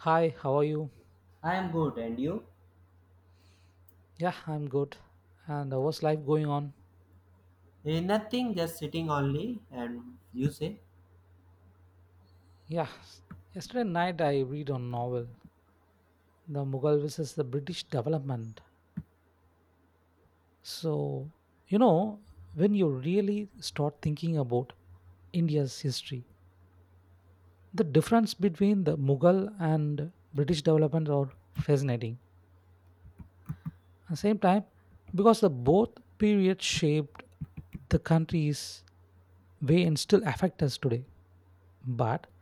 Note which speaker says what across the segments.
Speaker 1: Hi, how are you?
Speaker 2: I am good, and you?
Speaker 1: Yeah, I'm good. And what's life going on?
Speaker 2: Eh, nothing, just sitting only. And you say,
Speaker 1: Yeah, yesterday night I read a novel, The Mughal versus the British Development. So, you know, when you really start thinking about India's history, the difference between the Mughal and British development are fascinating. At the same time, because the both periods shaped the country's way and still affect us today, but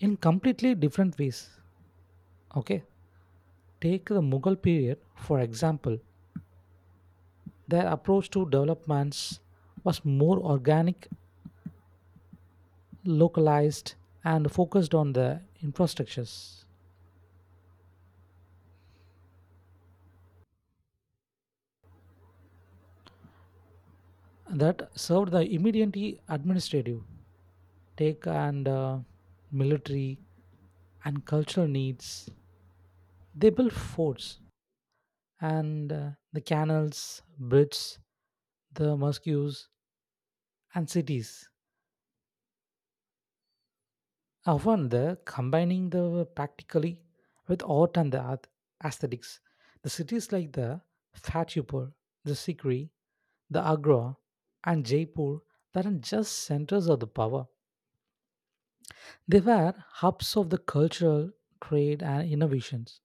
Speaker 1: in completely different ways. Okay, take the Mughal period for example. Their approach to developments was more organic, localized, and focused on the infrastructures that served the immediately administrative, take and military and cultural needs. They built forts and the canals, bridges, the mosques, and cities often the combining the practically with art and aesthetics. The cities like the Fatehpur, the Sikri, the Agra, and Jaipur weren't just centers of the power. They were hubs of the cultural, trade, and innovations.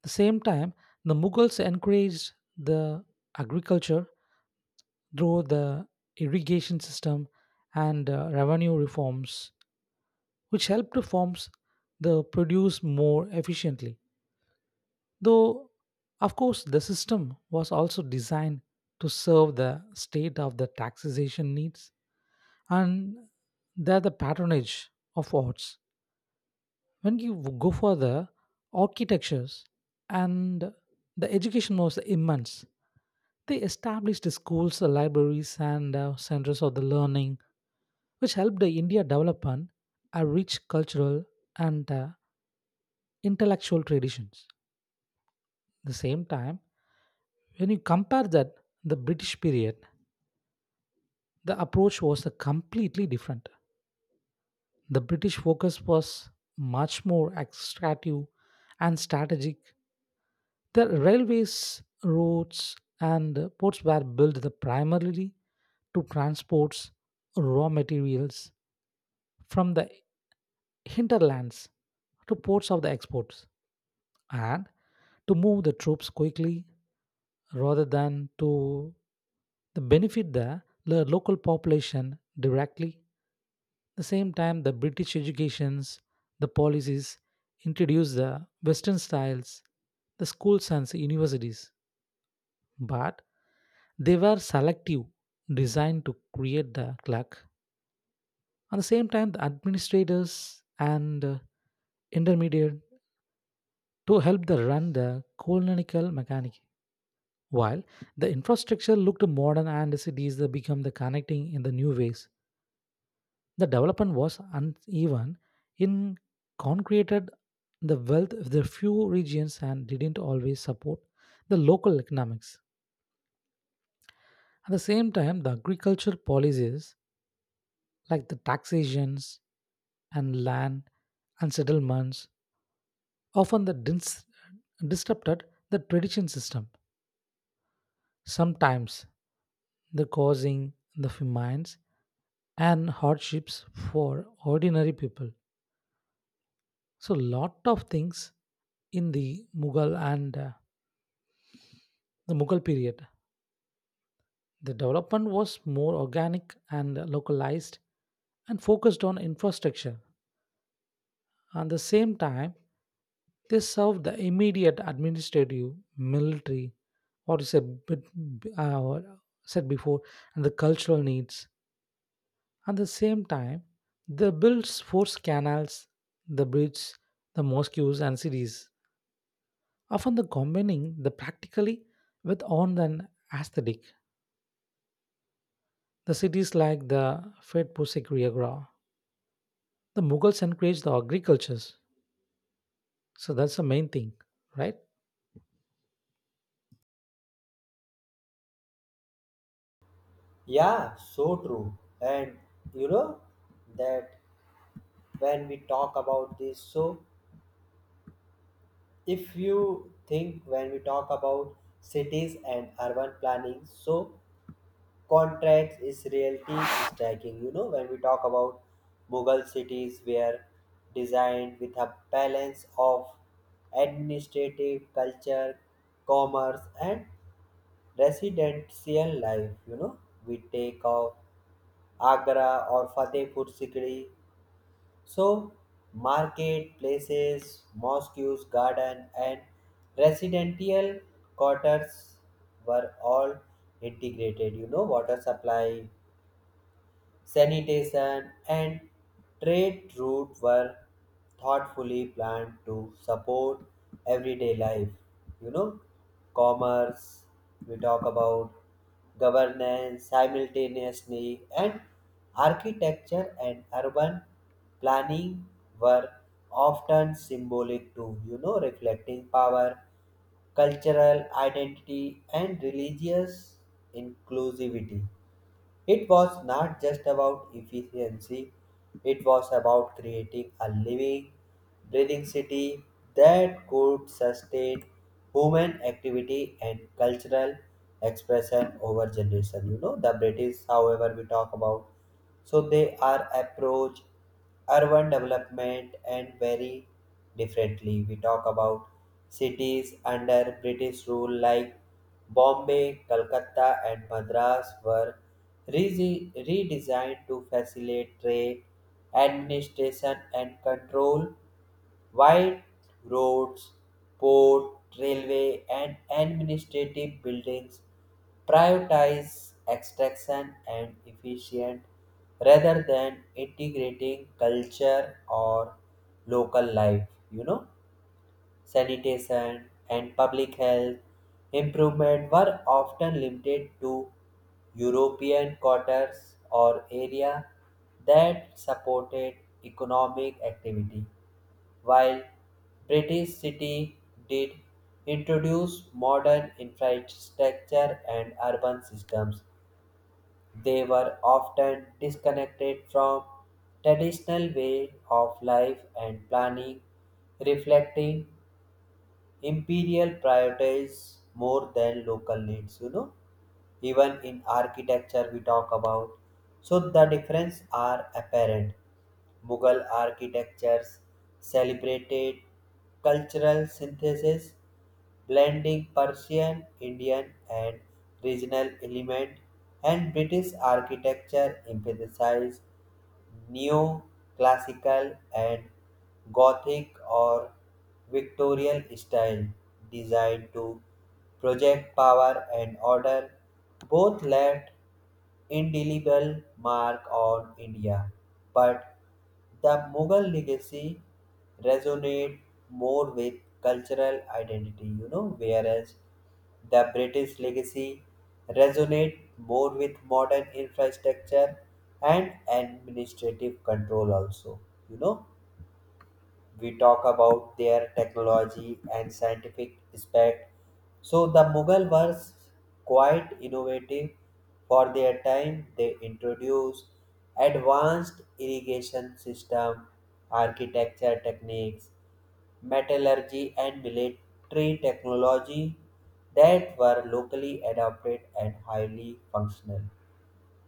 Speaker 1: At the same time, the Mughals encouraged the agriculture through the irrigation system and revenue reforms, which helped to form the produce more efficiently. Though, of course, the system was also designed to serve the state of the taxation needs and they the patronage of arts. When you go for the architectures and the education was immense, they established the schools, the libraries, and centers of the learning, which helped the India develop an, a rich cultural and intellectual traditions. The same time, when you compare that the British period the approach was a completely different. The British focus was much more extractive and strategic. The railways, roads, and ports were built the primarily to transport raw materials from the hinterlands to ports of the exports and to move the troops quickly rather than to the benefit the local population directly. The same time, the British educations, the policies introduced the Western styles, the schools and the universities, but they were selective, designed to create the clerk. At the same time, the administrators and intermediate to help the run the colonial mechanic. While the infrastructure looked modern and cities that become the connecting in the new ways. The development was uneven in concreted the wealth of the few regions and didn't always support the local economics. At the same time, the agricultural policies like the taxations and land and settlements often disrupted the tradition system. Sometimes the causing the famines and hardships for ordinary people. So lot of things in the Mughal and the Mughal period. The development was more organic and localized and focused on infrastructure. At the same time, they served the immediate administrative, military, what is a bit uh, said before, and the cultural needs. At the same time, they built force canals, the bridges, the mosques, and cities, often the combining the practically with on an aesthetic. The cities like the Fed Pusikriagra, the Mughals encouraged the agricultures. So that's the main thing, right?
Speaker 2: yeah, so true. And you know that when we talk about this, so if you think when we talk about cities and urban planning, so contracts is reality striking. You know, when we talk about Mughal cities, were designed with a balance of administrative, culture, commerce, and residential life, you know, we take off Agra or Fatehpur Sikri, so market places, mosques, garden, and residential quarters were all integrated, you know, water supply, sanitation, and trade routes were thoughtfully planned to support everyday life. You know, commerce, we talk about governance simultaneously, and architecture and urban planning were often symbolic too, you know, reflecting power, cultural identity, and religious inclusivity. It was not just about efficiency, it was about creating a living, breathing city that could sustain human activity and cultural expression over generation. You know, the British, however, we talk about, so they are approach urban development and very differently. We talk about cities under British rule like Bombay, Calcutta, and Madras were redesigned to facilitate trade, administration, and control. Wide roads, port, railway, and administrative buildings prioritize extraction and efficient rather than integrating culture or local life, you know, sanitation, and public health improvement were often limited to European quarters or area that supported economic activity, while British city did introduce modern infrastructure and urban systems. They were often disconnected from traditional way of life and planning, reflecting imperial prioritizes more than local needs, you know, even in architecture we talk about, so the difference are apparent. Mughal architectures celebrated cultural synthesis, blending Persian, Indian, and regional element, and British architecture emphasized Neoclassical and Gothic or Victorian style designed to project power and order. Both left indelible mark on India. But the Mughal legacy resonate more with cultural identity, you know, whereas the British legacy resonate more with modern infrastructure and administrative control also, you know, we talk about their technology and scientific aspect. So the Mughal were quite innovative for their time. They introduced advanced irrigation system, architecture techniques, metallurgy, and military technology that were locally adopted and highly functional.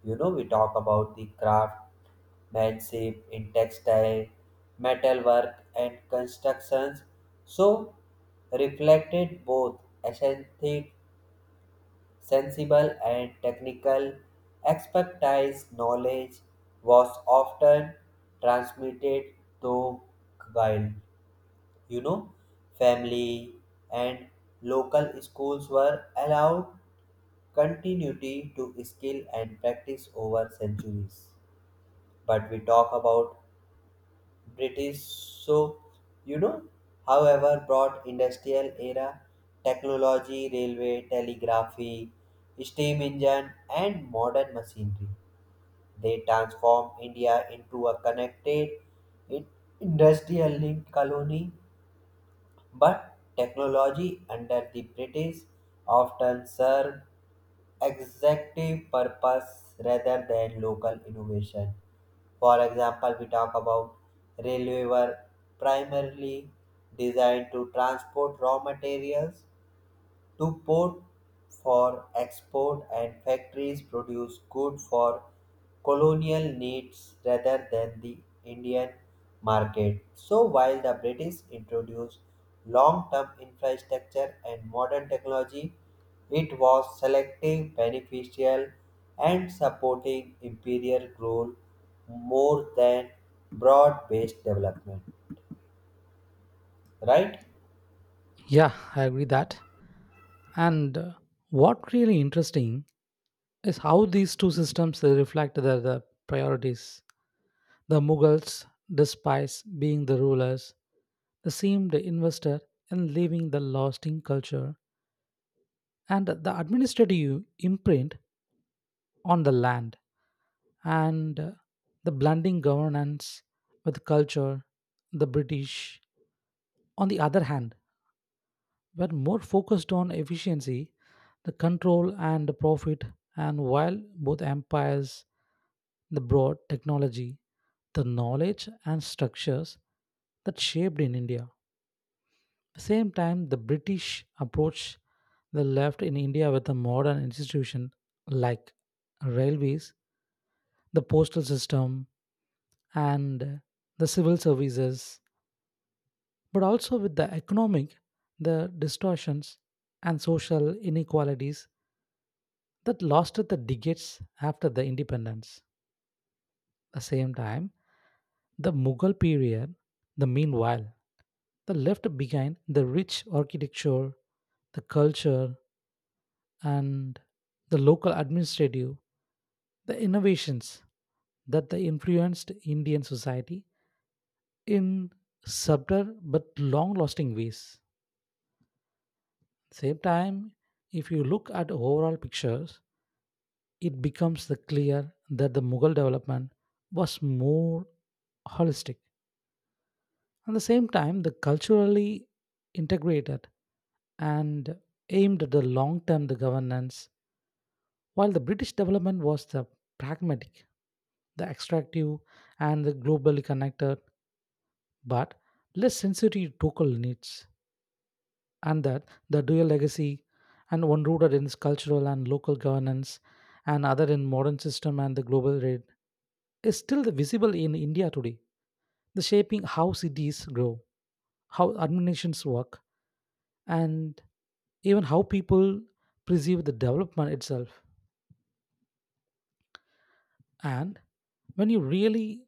Speaker 2: You know, we talk about the craftsmanship in textile, metalwork, and constructions, so reflected both aesthetic, sensible, and technical expertise. Knowledge was often transmitted through, while, you know, family and local schools were allowed continuity to skill and practice over centuries, but we talk about British. So, you know, however, brought industrial era, technology, railway, telegraphy, steam engine, and modern machinery. They transform India into a connected in- industrial linked colony, but technology under the British often served executive purpose rather than local innovation. For example, we talk about railway were primarily designed to transport raw materials to port for export and factories produce goods for colonial needs rather than the Indian market. So while the British introduced long-term infrastructure and modern technology, it was selective, beneficial, and supporting imperial rule more than broad based development. Right?
Speaker 1: Yeah, I agree that. And what really interesting is how these two systems they reflect the priorities. The Mughals, despite being the rulers, they seemed invested in leaving the lasting culture and the administrative imprint on the land, and the blending governance with culture. The British, on the other hand, were more focused on efficiency, the control and the profit, and while both empires the broad technology, the knowledge and structures that shaped in India. At the same time, the British approach the left in India with a modern institution like railways, the postal system, and the civil services, but also with the economic, the distortions and social inequalities that lasted the decades after the independence. At the same time, the Mughal period, the meanwhile, the left behind the rich architecture, the culture, and the local administrative, the innovations that they influenced Indian society in subtle but long lasting ways. Same time, if you look at overall pictures, it becomes the clear that the Mughal development was more holistic. At the same time, the culturally integrated and aimed at the long-term the governance, while the British development was the pragmatic, the extractive, and the globally connected, but less sensitive to local needs. And that the dual legacy and one rooted in cultural and local governance and other in modern system and the global trade is still visible in India today. The shaping how cities grow, how administrations work, and even how people perceive the development itself. And when you really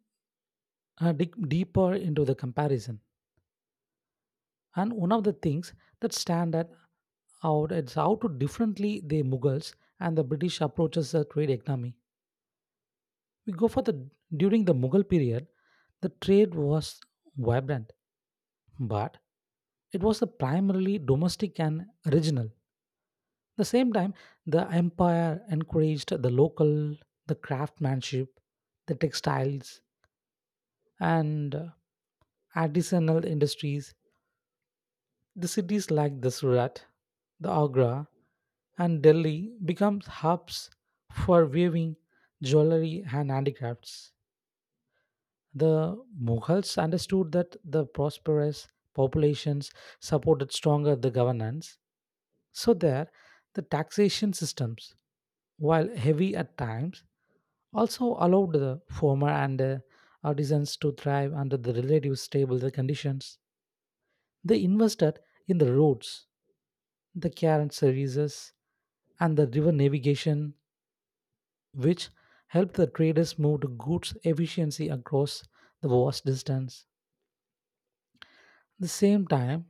Speaker 1: dig deeper into the comparison, and one of the things that stand at out is how to differently the Mughals and the British approaches the trade economy. We go for the during the Mughal period, the trade was vibrant, but it was the primarily domestic and regional. The same time, the empire encouraged the local, the craftsmanship, the textiles, and artisanal industries. The cities like the Surat, the Agra, and Delhi become hubs for weaving, jewelry, and handicrafts. The Mughals understood that the prosperous populations supported stronger the governance. So there, the taxation systems, while heavy at times, also allowed the former and artisans to thrive under the relative stable the conditions. They invested in the roads, the carriage services, and the river navigation, which helped the traders move the goods efficiency across the vast distance. The same time,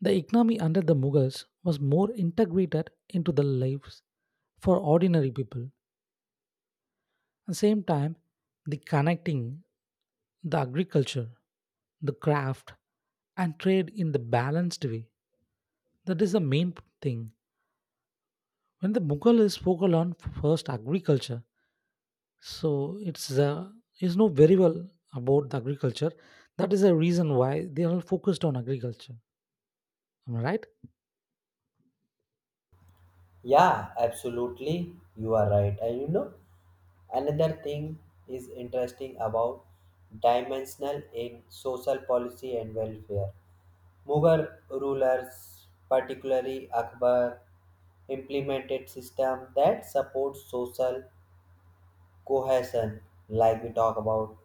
Speaker 1: the economy under the Mughals was more integrated into the lives for ordinary people. At the same time, the connecting the agriculture, the craft, and trade in the balanced way. That is the main thing. When the Mughal is focused on first agriculture, so it's is know very well about the agriculture. That is the reason why they are focused on agriculture. Am I right?
Speaker 2: Yeah, absolutely. You are right. And you know, another thing is interesting about dimensional in social policy and welfare. Mughal rulers, particularly Akbar, implemented system that supports social cohesion, like we talk about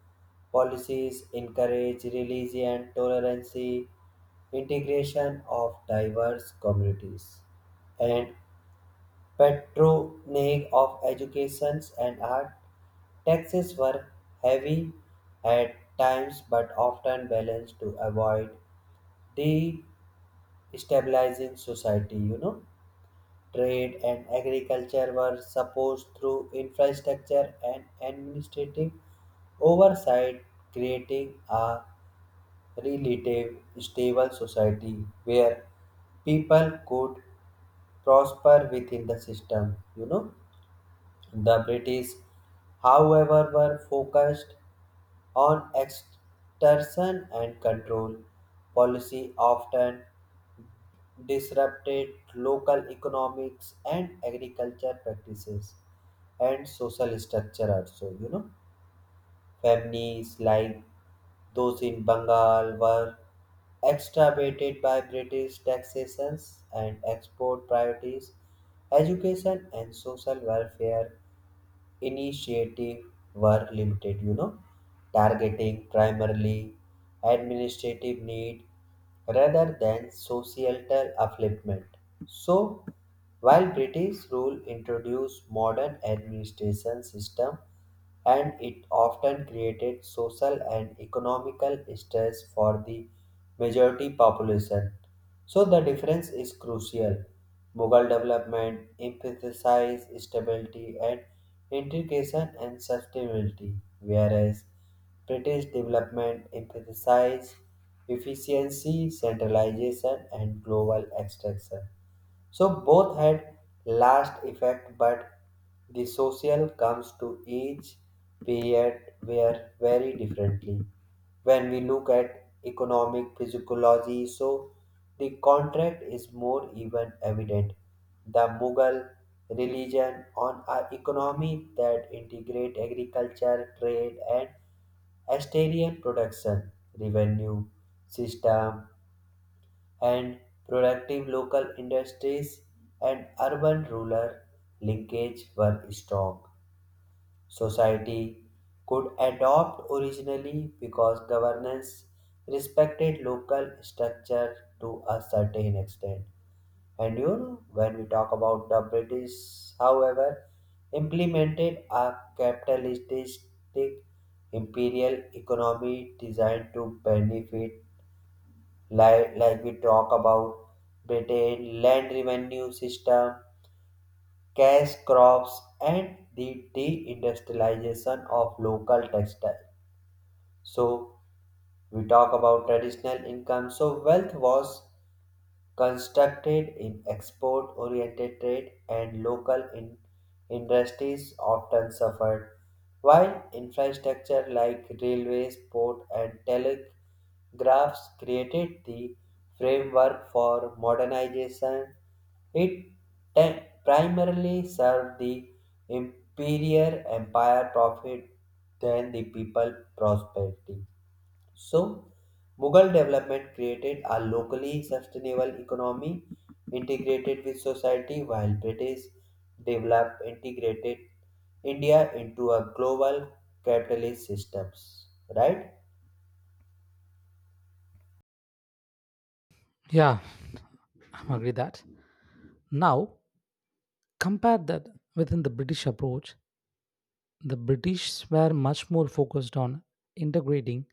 Speaker 2: policies encourage religion, tolerance, integration of diverse communities, and patronage of education and art. Taxes were heavy at times but often balanced to avoid destabilizing society, you know. Trade and agriculture were supposed through infrastructure and administrative oversight, creating a relative stable society where people could prosper within the system, you know. The British, however, were focused on extortion and control. Policy often disrupted local economics and agriculture practices and social structure also, you know, families like those in Bengal were extirpated by British taxations and export priorities. Education and social welfare initiative were limited, you know, targeting primarily administrative need rather than societal upliftment. So, while British rule introduced modern administration system, and it often created social and economical stress for the majority population. So the difference is crucial. Mughal development emphasized stability and integration and sustainability, whereas British development emphasized efficiency, centralization, and global extraction. So both had last effect, but the social comes to each period where very differently. When we look at economic physiology, so the contract is more even evident. The Mughal religion on an economy that integrate agriculture, trade, and Astarian production, revenue system, and productive local industries and urban rural linkage were strong. Society could adopt originally because governance respected local structure to a certain extent. And you know, when we talk about the British, however, implemented a capitalistic imperial economy designed to benefit, like we talk about Britain, land revenue system, cash crops, and the deindustrialization of local textile. So we talk about traditional income. So wealth was constructed in export-oriented trade and local industries often suffered, while infrastructure like railways, port, and telegraphs created the framework for modernization. It primarily served the imperial empire profit than the people prosperity. So, Mughal development created a locally sustainable economy integrated with society, while British developed integrated India into a global capitalist systems. Right?
Speaker 1: Yeah, I am agree that. Now compare that within the British approach, the British were much more focused on integrating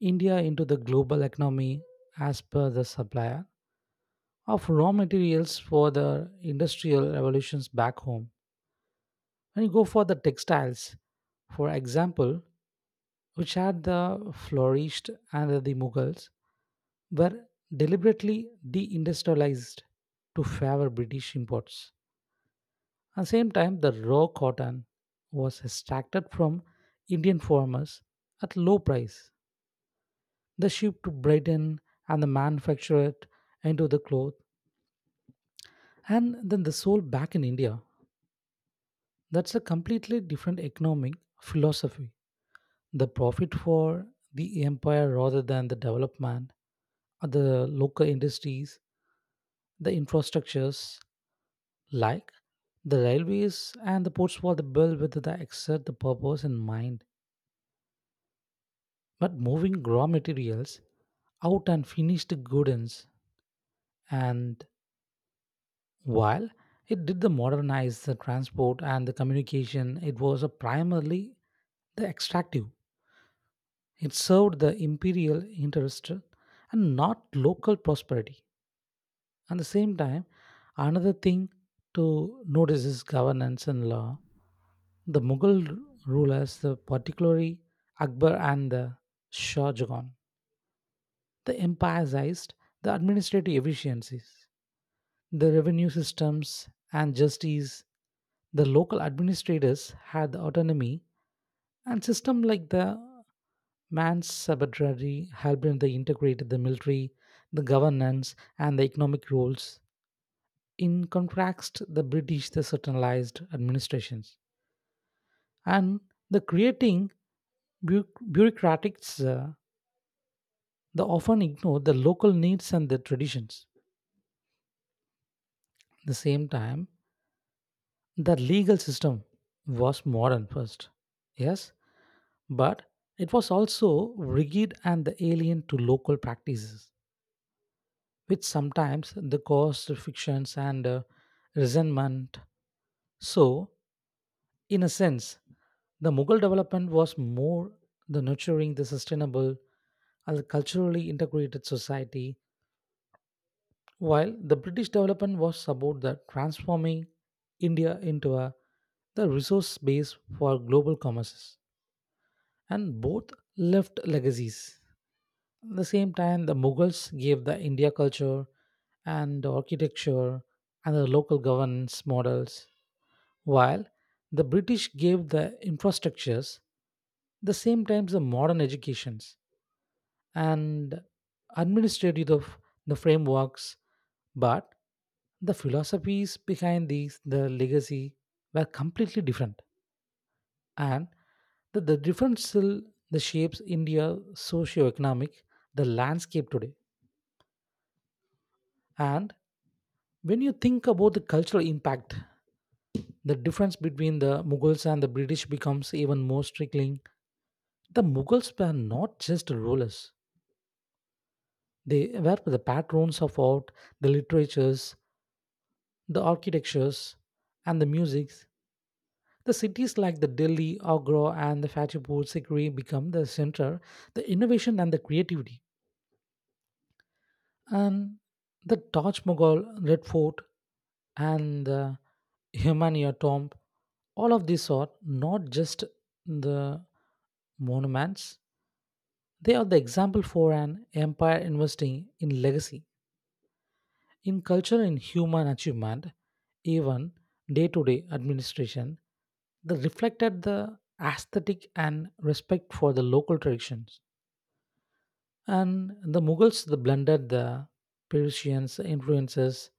Speaker 1: India into the global economy as per the supplier of raw materials for the industrial revolutions back home. When you go for the textiles, for example, which had the flourished under the Mughals, were deliberately deindustrialized to favor British imports. At the same time, the raw cotton was extracted from Indian farmers at low price. They shipped to Britain and the manufactured it into the cloth and then they sold back in India. That's a completely different economic philosophy. The profit for the empire rather than the development of the local industries, the infrastructures like the railways and the ports were built with the exact purpose in mind, but moving raw materials out and finished goods, and while it did the modernize the transport and the communication, it was a primarily the extractive. It served the imperial interest and not local prosperity. At the same time, another thing to notice is governance and law. The Mughal rulers, the particularly Akbar and the Shah Jahan, the empire sized, the administrative efficiencies, the revenue systems, and justice. The local administrators had the autonomy, and system like the man's subsidiary helped they integrated the military, the governance, and the economic roles. In contrast, the British the centralized administrations and the creating bu- bureaucratics they often ignore the local needs and the traditions. At the same time, the legal system was modern first, yes, but it was also rigid and alien to local practices, which sometimes the caused frictions and resentment. So, in a sense, the Mughal development was more the nurturing the sustainable and culturally integrated society, while the British development was about the transforming India into a the resource base for global commerces. And both left legacies. At the same time, the Mughals gave the India culture and the architecture and the local governance models, while the British gave the infrastructures, the same times the modern educations and administrative of the frameworks, but the philosophies behind these the legacy were completely different and that the differential the shapes India socio-economic, the landscape today. And when you think about the cultural impact, the difference between the Mughals and the British becomes even more striking. The Mughals were not just rulers; they were the patrons of art, the literatures, the architectures, and the music. The cities like the Delhi, Agra, and the Fatehpur Sikri become the center, the innovation and the creativity. And the Taj Mughal Red Fort and the Humaniyah tomb, all of these are not just the monuments, they are the example for an empire investing in legacy, in culture and human achievement, even day to day administration. They reflected the aesthetic and respect for the local traditions. And the Mughals they blended the Persians' influences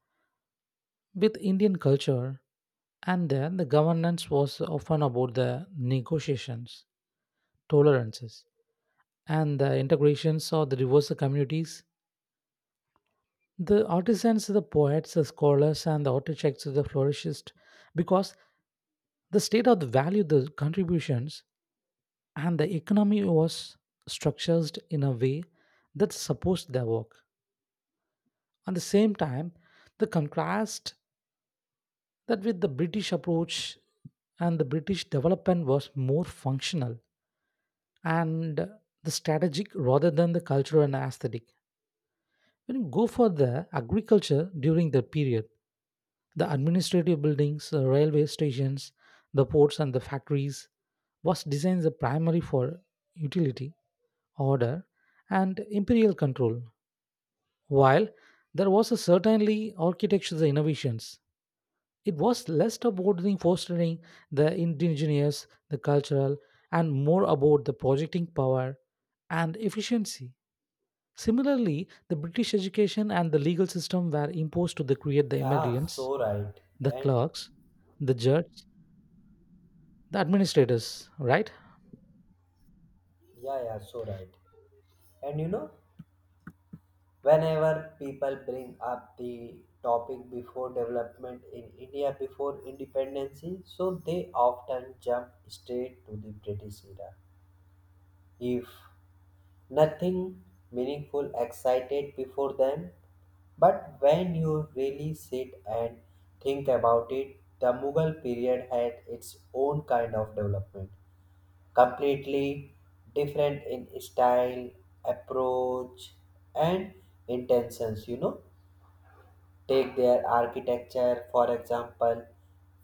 Speaker 1: with Indian culture, and then the governance was often about the negotiations, tolerances, and the integrations of the diverse communities. The artisans, the poets, the scholars, and the architects, the flourished, because the state of the value, the contributions, and the economy was structured in a way that supports their work. At the same time, the contrast that with the British approach and the British development was more functional and the strategic rather than the cultural and aesthetic. When you go for the agriculture during the period, the administrative buildings, the railway stations, the ports and the factories was designed the primary for utility, order and imperial control, while there was a certainly architectural innovations. It was less about the fostering the indigenous, the cultural, and more about the projecting power and efficiency. Similarly, the British education and the legal system were imposed to the create the
Speaker 2: Yeah,
Speaker 1: immigrants,
Speaker 2: so right.
Speaker 1: the
Speaker 2: And
Speaker 1: clerks, the judge, the administrators, right?
Speaker 2: yeah, yeah, so right. And you know, whenever people bring up the topic before development in India before independency, so they often jump straight to the British era. If nothing meaningful excited before them, but when you really sit and think about it, the Mughal period had its own kind of development, completely different in style, approach, and intentions. You know, take their architecture for example.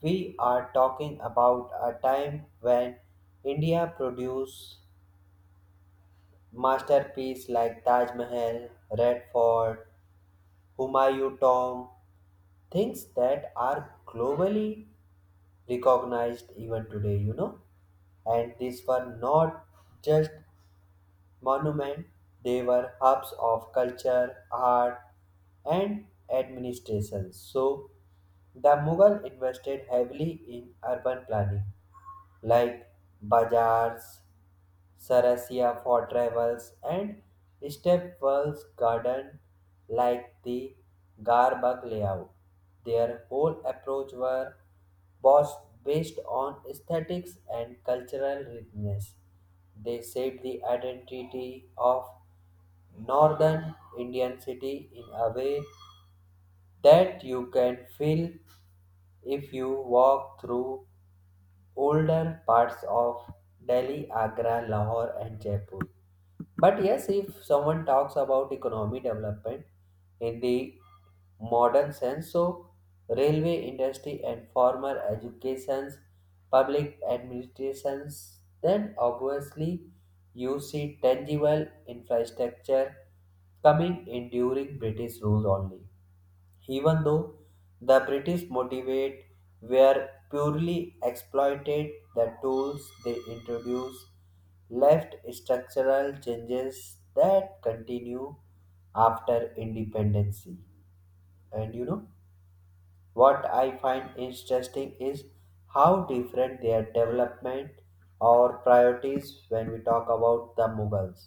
Speaker 2: We are talking about a time when India produced masterpiece like Taj Mahal, Red Fort, Humayun Tomb, things that are globally recognized even today, you know. And these were not just monuments, they were hubs of culture, art, and administration. So, the Mughal invested heavily in urban planning like bazaars, Sarasia for travels, and Stepwell's garden like the Garbagh layout. Their whole approach were was based on aesthetics and cultural richness. They shaped the identity of northern Indian city in a way that you can feel if you walk through older parts of Delhi, Agra, Lahore, and Jaipur. But yes, if someone talks about economy development in the modern sense, so railway industry and former educations, public administrations, then obviously you see tangible infrastructure coming in during British rule only, even though the British motivate were purely exploited, the tools they introduced left structural changes that continue after independence. And you know what I find interesting is how different their development or priorities when we talk about the Mughals.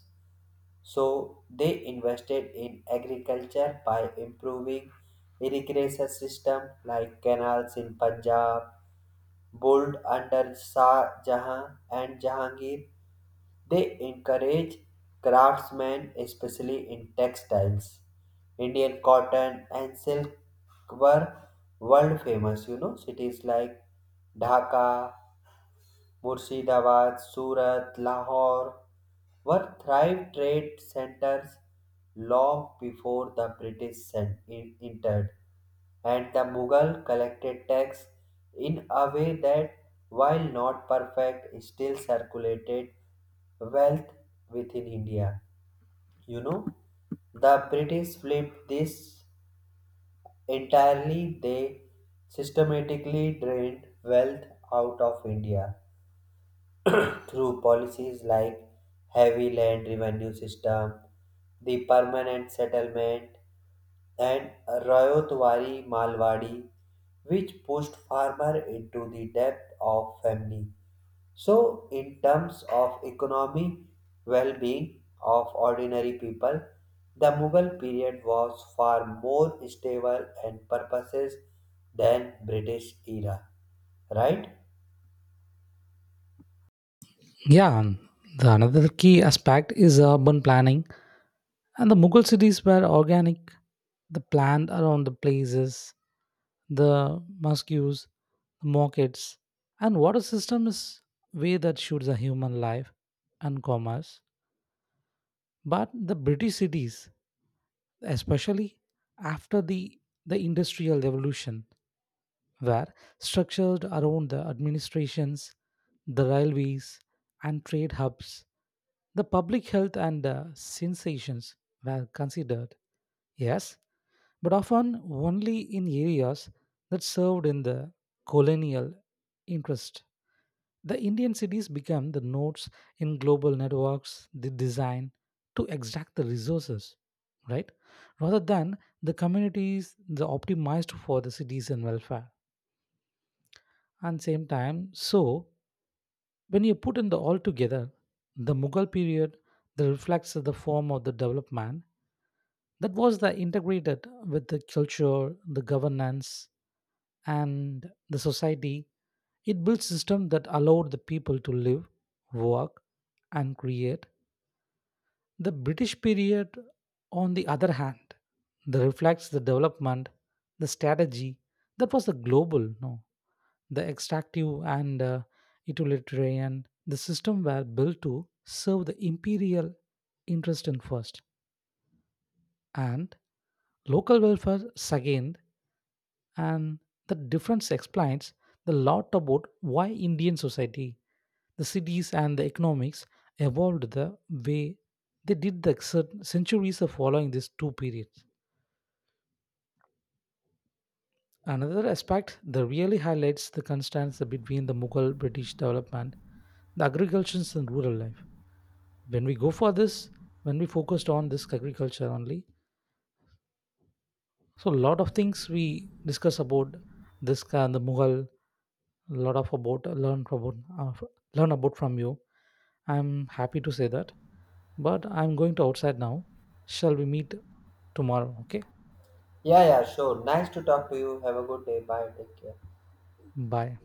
Speaker 2: So they invested in agriculture by improving irrigation system like canals in Punjab, built under Shah Jahan and Jahangir. They encourage craftsmen, especially in textiles. Indian cotton and silk were world famous. You know, cities like Dhaka, Murshidabad, Surat, Lahore were thriving trade centers long before the British entered, and the Mughal collected tax in a way that, while not perfect, still circulated wealth within India. You know, the British flipped this entirely. They systematically drained wealth out of India through policies like heavy land revenue system, the permanent settlement, and Rayotwari Malwadi, which pushed farmer into the depth of famine. So, in terms of economy, well-being of ordinary people, the Mughal period was far more stable and purposes than British era, right?
Speaker 1: Yeah, the another key aspect is urban planning, and the Mughal cities were organic, the planned around the places the mosques, markets, and water system is way that shoots a human life and commerce. But the British cities, especially after the Industrial Revolution, were structured around the administrations, the railways, and trade hubs. The public health and sensations were considered. Yes, but often only in areas that served in the colonial interest. The Indian cities become the nodes in global networks, they design to extract the resources, right? Rather than the communities the optimized for the citizen welfare. And same time, so when you put in the all together, the Mughal period that reflects the form of the development that was the integrated with the culture, the governance, and the society it built systems that allowed the people to live work and create the british period on the other hand that reflects the development the strategy that was the global no the extractive and utilitarian the system were built to serve the imperial interest in first and local welfare second and the difference explains the lot about why Indian society, the cities, and the economics evolved the way they did the centuries of following these two periods. Another aspect that really highlights the contrast between the Mughal British development, the agriculture and rural life. When we go for this, when we focused on this agriculture only, so a lot of things we discuss about this the Mughal a lot of about learn about learn about from you. I'm happy to say that. But I'm going to outside now. Shall we meet tomorrow? Okay.
Speaker 2: Yeah, yeah, sure. Nice to talk to you. Have a good day. Bye. Take care.
Speaker 1: Bye.